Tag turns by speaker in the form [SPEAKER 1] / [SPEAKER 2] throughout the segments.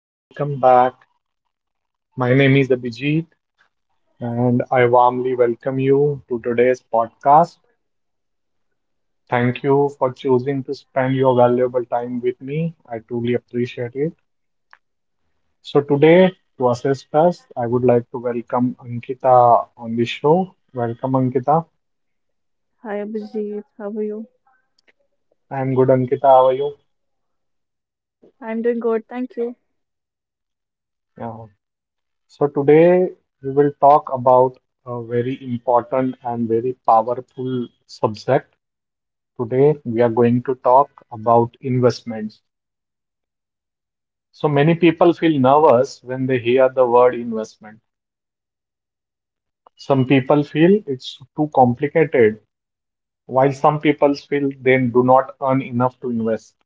[SPEAKER 1] welcome back. My name is Abhijit and I warmly welcome you to today's podcast. Thank you for choosing to spend your valuable time with me. I truly appreciate it. So today to assist us, I would like to welcome Ankita on the show. Welcome Ankita.
[SPEAKER 2] Hi Abhijit, how are you?
[SPEAKER 1] I'm good Ankita, how are you?
[SPEAKER 2] I'm doing good, thank you.
[SPEAKER 1] Yeah. So today we will talk about a very important and very powerful subject. Today we are going to talk about investments. So many people feel nervous when they hear the word investment. Some people feel it's too complicated, while some people feel they do not earn enough to invest.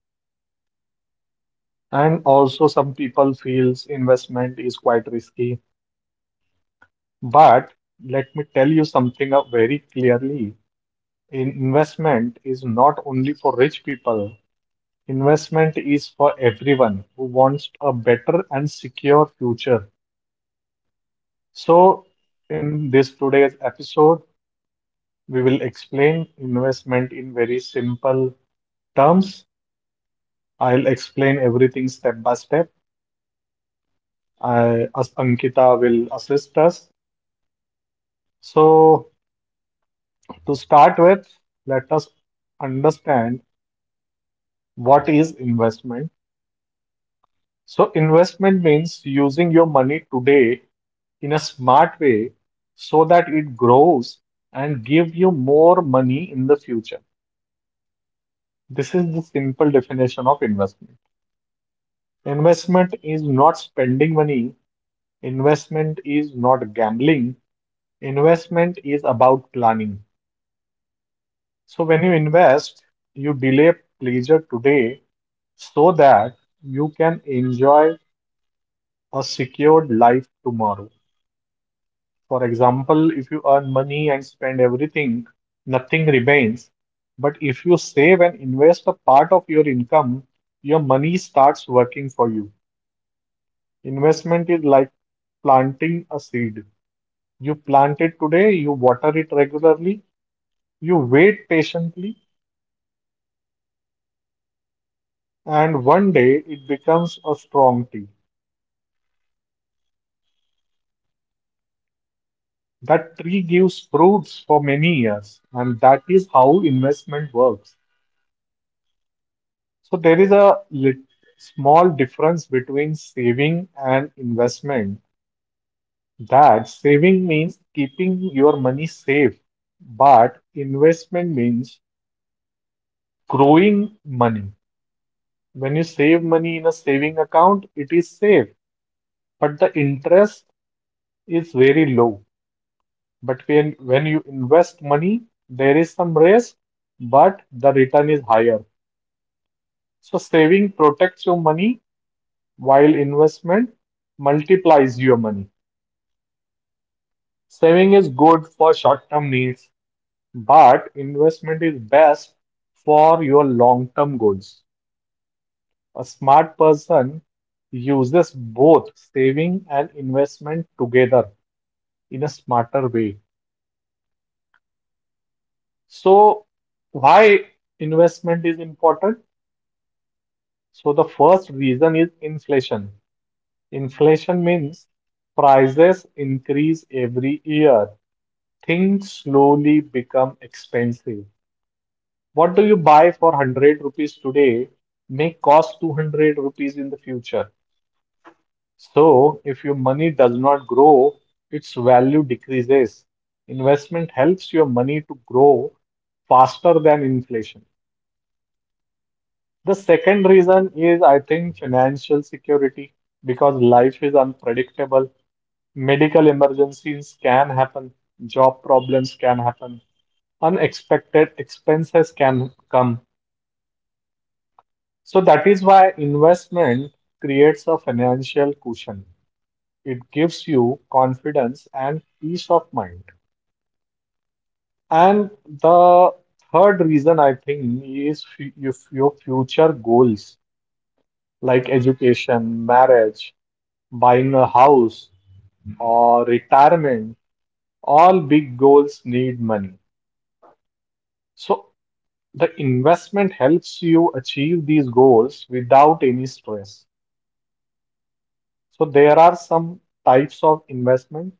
[SPEAKER 1] And also some people feels investment is quite risky. But let me tell you something very clearly. Investment is not only for rich people. Investment is for everyone who wants a better and secure future. So, in this today's episode, we will explain investment in very simple terms. I'll explain everything step by step. I, as Ankita will assist us. So, to start with, let us understand what is investment. So, investment means using your money today in a smart way so that it grows and give you more money in the future. This is the simple definition of investment. Investment is not spending money. Investment is not gambling. Investment is about planning. So when you invest, you delay pleasure today so that you can enjoy a secured life tomorrow. For example, if you earn money and spend everything, nothing remains. But if you save and invest a part of your income, your money starts working for you. Investment is like planting a seed. You plant it today, you water it regularly, you wait patiently, and one day it becomes a strong tree. That tree gives fruits for many years, and that is how investment works. So there is a small difference between saving and investment. That saving means keeping your money safe, but investment means growing money. When you save money in a saving account, it is safe, but the interest is very low. But when you invest money, there is some risk, but the return is higher. So saving protects your money while investment multiplies your money. Saving is good for short-term needs, but investment is best for your long-term goals. A smart person uses both saving and investment together in a smarter way. So, why investment is important? So, the first reason is inflation. Inflation means prices increase every year. Things slowly become expensive. What do you buy for 100 rupees today may cost 200 rupees in the future. So, if your money does not grow, its value decreases. Investment helps your money to grow faster than inflation. The second reason is, I think, financial security because life is unpredictable. Medical emergencies can happen, job problems can happen, unexpected expenses can come. So, that is why investment creates a financial cushion. It gives you confidence and peace of mind. And the third reason I think is your future goals like education, marriage, buying a house or retirement, all big goals need money. So the investment helps you achieve these goals without any stress. So there are some types of investment.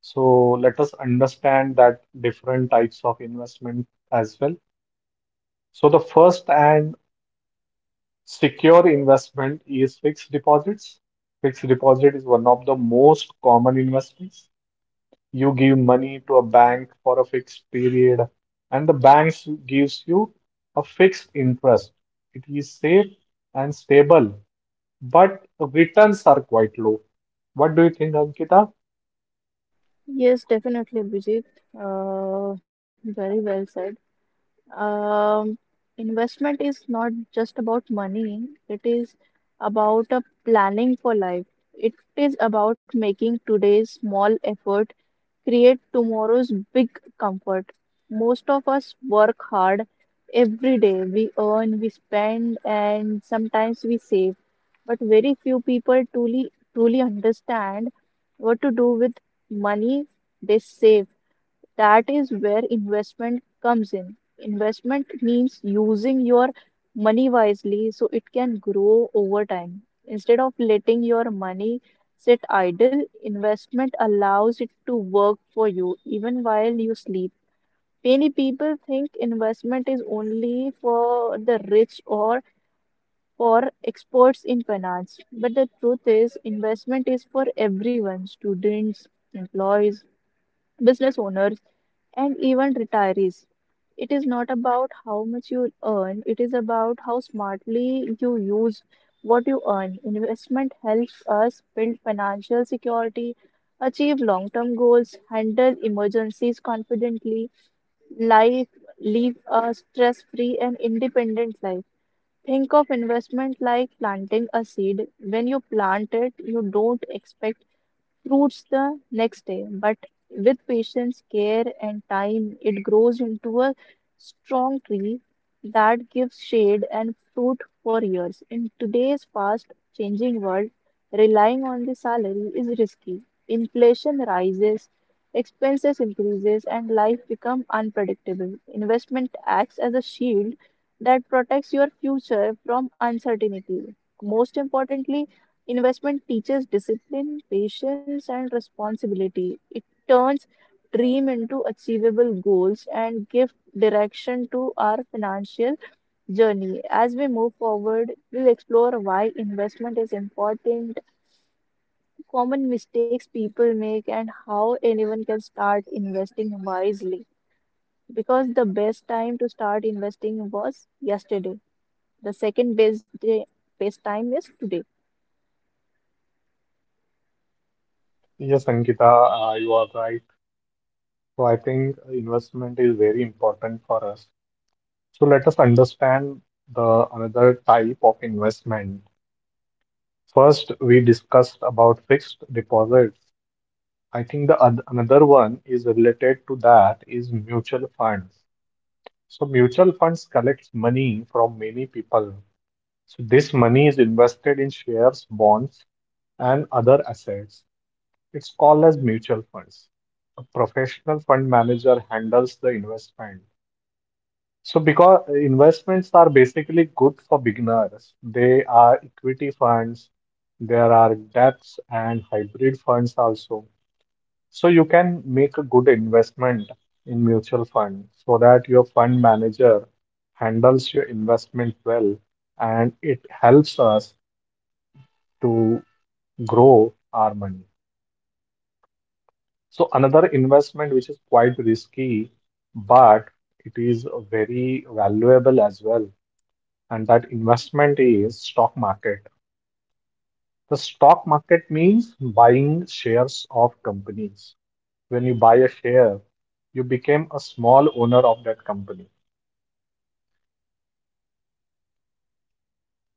[SPEAKER 1] So let us understand that different types of investment as well. So the first and secure investment is fixed deposits. Fixed deposit is one of the most common investments. You give money to a bank for a fixed period and the bank gives you a fixed interest. It is safe and stable, but the returns are quite low. What do you think Ankita?
[SPEAKER 2] Yes, definitely, Bijit. Very well said. Um, Investment is not just about money, it is about a planning for life. It is about making today's small effort create tomorrow's big comfort. Most of us work hard every day. We earn, we spend, and sometimes we save. But very few people truly understand what to do with money they save. That is where investment comes in. Investment means using your money wisely so it can grow over time. Instead of letting your money sit idle, investment allows it to work for you even while you sleep. Many people think investment is only for the rich or for experts in finance, but the truth is, investment is for everyone: students, employees, business owners, and even retirees. It is not about how much you earn, it is about how smartly you use what you earn. Investment helps us build financial security, achieve long term goals, handle emergencies confidently, life, live a stress free and independent life. Think of investment like planting a seed. When you plant it, you don't expect fruits the next day, but with patience, care, and time, it grows into a strong tree that gives shade and fruit for years. In today's fast changing world, relying on the salary is risky. Inflation rises, expenses increases, and life becomes unpredictable. Investment acts as a shield that protects your future from uncertainty. Most importantly, investment teaches discipline, patience, and responsibility. It turns dream into achievable goals and give direction to our financial journey. As we move forward, we'll explore why investment is important, common mistakes people make, and how anyone can start investing wisely. Because the best time to start investing was yesterday. The second best day, best time is today.
[SPEAKER 1] Yes Ankita, you are right. So I think investment is very important for us. So let us understand the another type of investment. First we discussed about fixed deposits. I think the another one is related to that is mutual funds. So mutual funds collects money from many people. So this money is invested in shares, bonds, and other assets. It's called as mutual funds. A professional fund manager handles the investment. So because investments are basically good for beginners, they are equity funds, there are debts and hybrid funds also. So you can make a good investment in mutual fund so that your fund manager handles your investment well and it helps us to grow our money. So another investment which is quite risky, but it is very valuable as well. And that investment is stock market. The stock market means buying shares of companies. When you buy a share, you became a small owner of that company.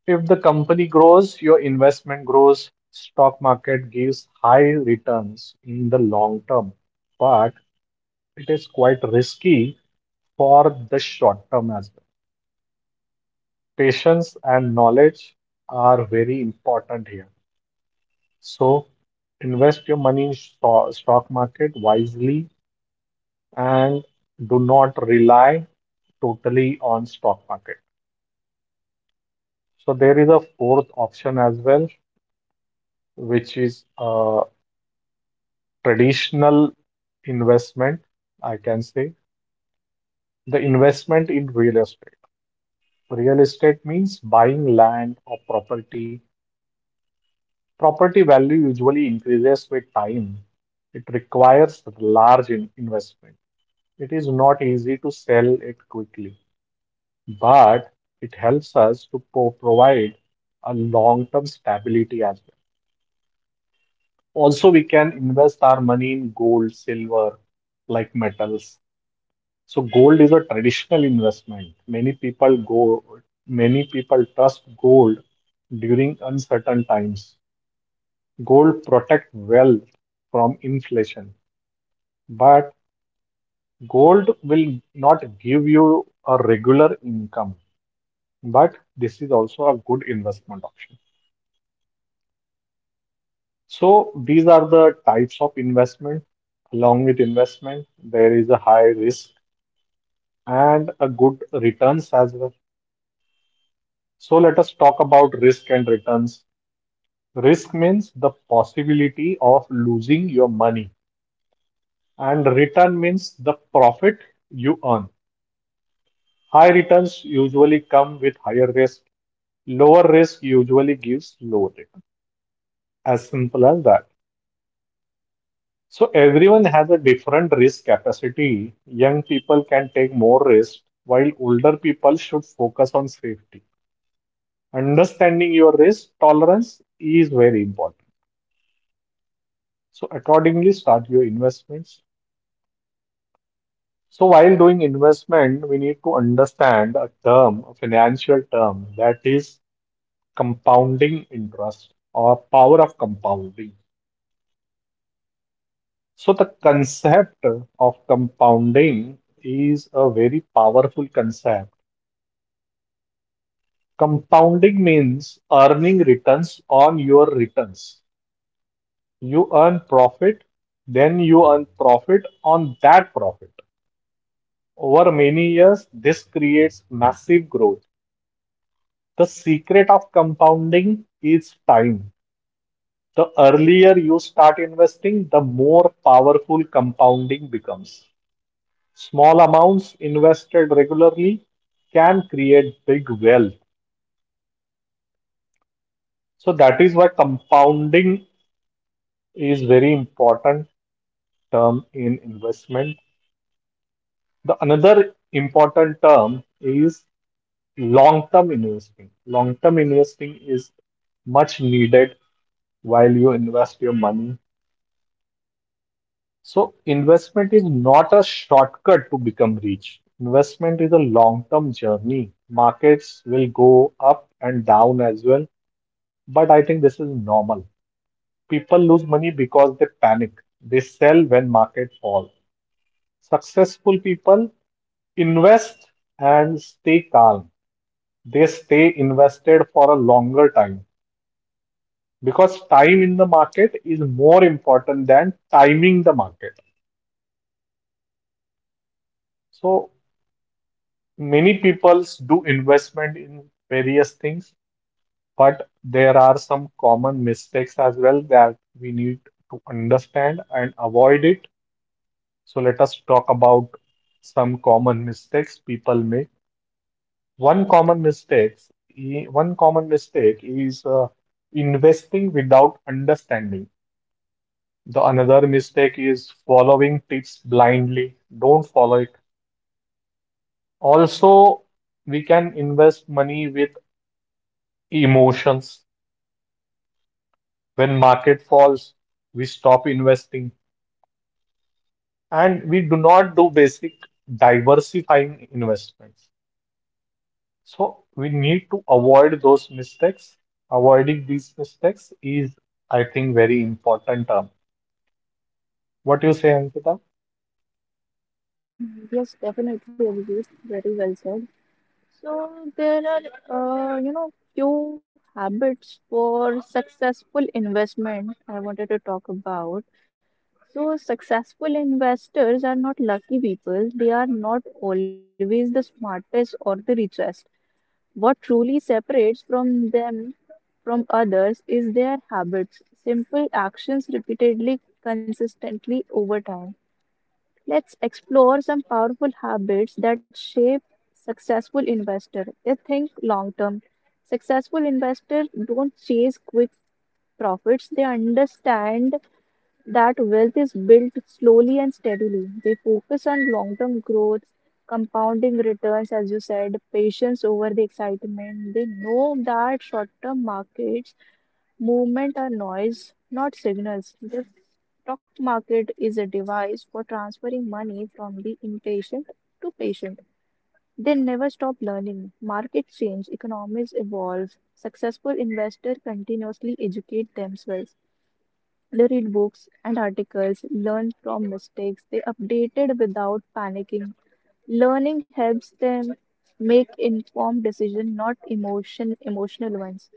[SPEAKER 1] If the company grows, your investment grows. Stock market gives high returns in the long term, but it is quite risky for the short term as well. Patience and knowledge are very important here. So invest your money in stock market wisely and do not rely totally on stock market. So there is a fourth option as well, which is traditional investment, I can say, the investment in real estate. Real estate means buying land or property. Property value usually increases with time. It requires large investment. It is not easy to sell it quickly, but it helps us to provide a long-term stability as well. Also, we can invest our money in gold, silver, like metals. So gold is a traditional investment. Many people go, many people trust gold during uncertain times. Gold protect wealth from inflation, but gold will not give you a regular income. But this is also a good investment option. So these are the types of investment. Along with investment, there is a high risk and a good returns as well. So let us talk about risk and returns. Risk means the possibility of losing your money, and return means the profit you earn. High returns usually come with higher risk. Lower risk usually gives low return. As simple as that. So everyone has a different risk capacity. Young people can take more risk, while older people should focus on safety. Understanding your risk tolerance is very important. So accordingly, start your investments. So while doing investment, we need to understand a term, a financial term that is compounding interest or power of compounding. So the concept of compounding is a very powerful concept. Compounding means earning returns on your returns. You earn profit, then you earn profit on that profit. Over many years, this creates massive growth. The secret of compounding is time. The earlier you start investing, the more powerful compounding becomes. Small amounts invested regularly can create big wealth. So that is why compounding is very important term in investment. The another important term is long-term investing. Long-term investing is much needed while you invest your money. So investment is not a shortcut to become rich. Investment is a long-term journey. Markets will go up and down as well, but I think this is normal. People lose money because they panic. They sell when market fall. Successful people invest and stay calm. They stay invested for a longer time because time in the market is more important than timing the market. So many people do investment in various things, but there are some common mistakes as well that we need to understand and avoid it. So let us talk about some common mistakes people make. One common mistakes, One common mistake is investing without understanding. The another mistake is following tips blindly. Don't follow it. Also, we can invest money with emotions. When market falls we stop investing and we do not do basic diversifying investments. So we need to avoid those mistakes. Avoiding these mistakes is, I think, very important term. What do you say Ankita?
[SPEAKER 2] Mm, yes, definitely, Abhijit. Very well said. So there are, few habits for successful investment I wanted to talk about. So successful investors are not lucky people. They are not always the smartest or the richest. What truly separates from them from others is their habits, simple actions repeatedly, consistently over time. Let's explore some powerful habits that shape successful investor. They think long term. Successful investors don't chase quick profits. They understand that wealth is built slowly and steadily. They focus on long term growth, compounding returns, as you said, patience over the excitement. They know that short term markets movement are noise, not signals. The stock market is a device for transferring money from the impatient to patient. They never stop learning. Markets change, economies evolve. Successful investors continuously educate themselves. They read books and articles, learn from mistakes, they updated without panicking. Learning helps them make informed decisions, not emotional ones.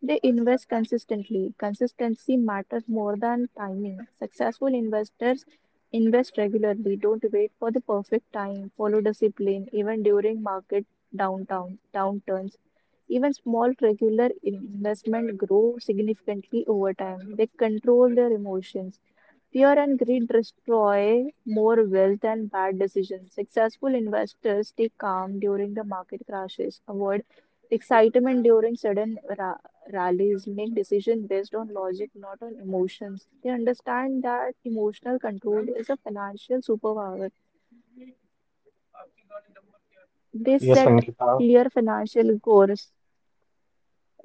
[SPEAKER 2] They invest consistently. Consistency matters more than timing. Successful investors invest regularly. Don't wait for the perfect time. Follow discipline even during market downtown downturns. Even small regular investment grow significantly over time. They control their emotions. Fear and greed destroy more wealth than bad decisions. Successful investors stay calm during the market crashes, avoid excitement during sudden rallies, make decisions based on logic, not on emotions. They understand that emotional control is a financial superpower. They
[SPEAKER 1] Yes
[SPEAKER 2] set
[SPEAKER 1] Ankita.
[SPEAKER 2] clear financial goals.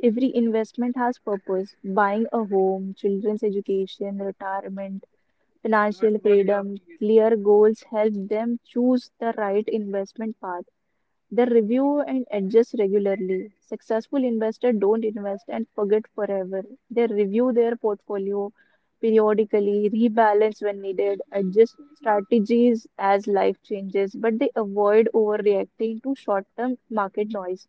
[SPEAKER 2] Every investment has purpose. Buying a home, children's education, retirement, financial freedom. Clear goals help them choose the right investment path. They review and adjust regularly. Successful investors don't invest and forget forever. They review their portfolio periodically, rebalance when needed, adjust strategies as life changes, but they avoid overreacting to short term market noise.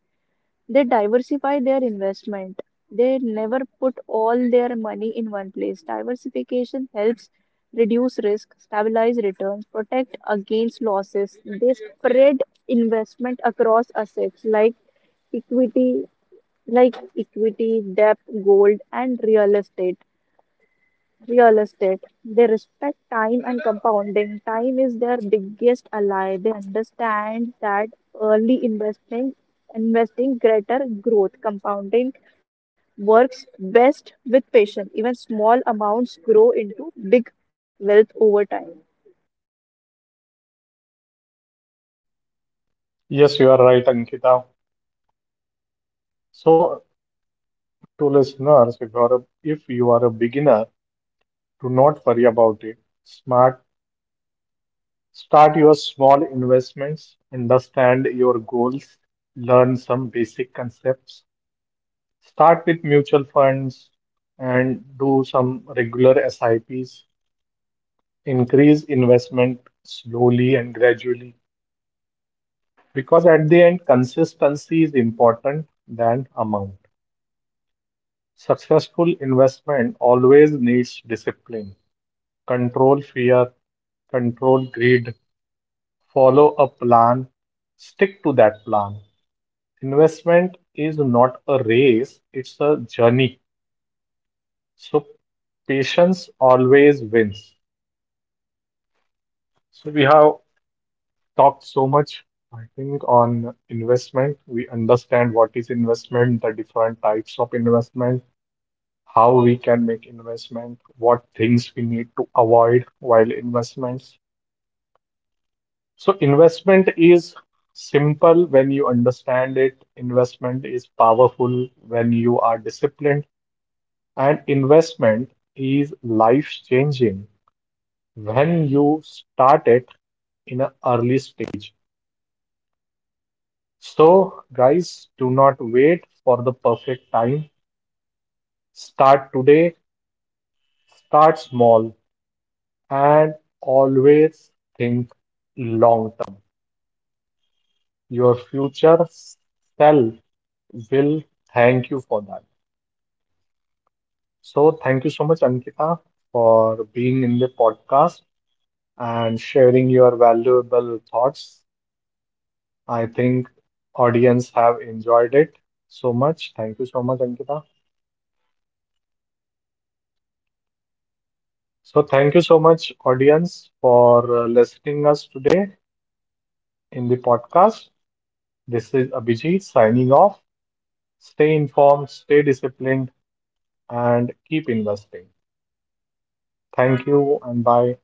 [SPEAKER 2] They diversify their investment. They never put all their money in one place. Diversification helps reduce risk, stabilize returns, protect against losses. They spread investment across assets like equity, debt, gold, and real estate. They respect time and compounding. Time is their biggest ally. They understand that early investing, investing greater growth, compounding works best with patience. Even small amounts grow into big wealth over time.
[SPEAKER 1] Yes, you are right Ankita. So to listeners, if you are a beginner, do not worry about it. Smart. Start your small investments, understand your goals, learn some basic concepts. Start with mutual funds and do some regular SIPs. Increase investment slowly and gradually because at the end, consistency is important than amount. Successful investment always needs discipline, control fear, control greed, follow a plan, stick to that plan. Investment is not a race, it's a journey. So patience always wins. So we have talked so much, I think, on investment. We understand what is investment, the different types of investment, how we can make investment, what things we need to avoid while investments. So investment is simple when you understand it. Investment is powerful when you are disciplined. And investment is life-changing when you start it in an early stage. So, guys, do not wait for the perfect time. Start today, start small, and always think long term. Your future self will thank you for that. So, thank you so much, Ankita, for being in the podcast and sharing your valuable thoughts. I think audience have enjoyed it so much. Thank you so much, Ankita.
[SPEAKER 2] Thank you, Vijay.
[SPEAKER 1] So thank you so much, audience, for listening us today in the podcast. This is Abhijit signing off. Stay informed, stay disciplined, and keep investing. Thank you and bye.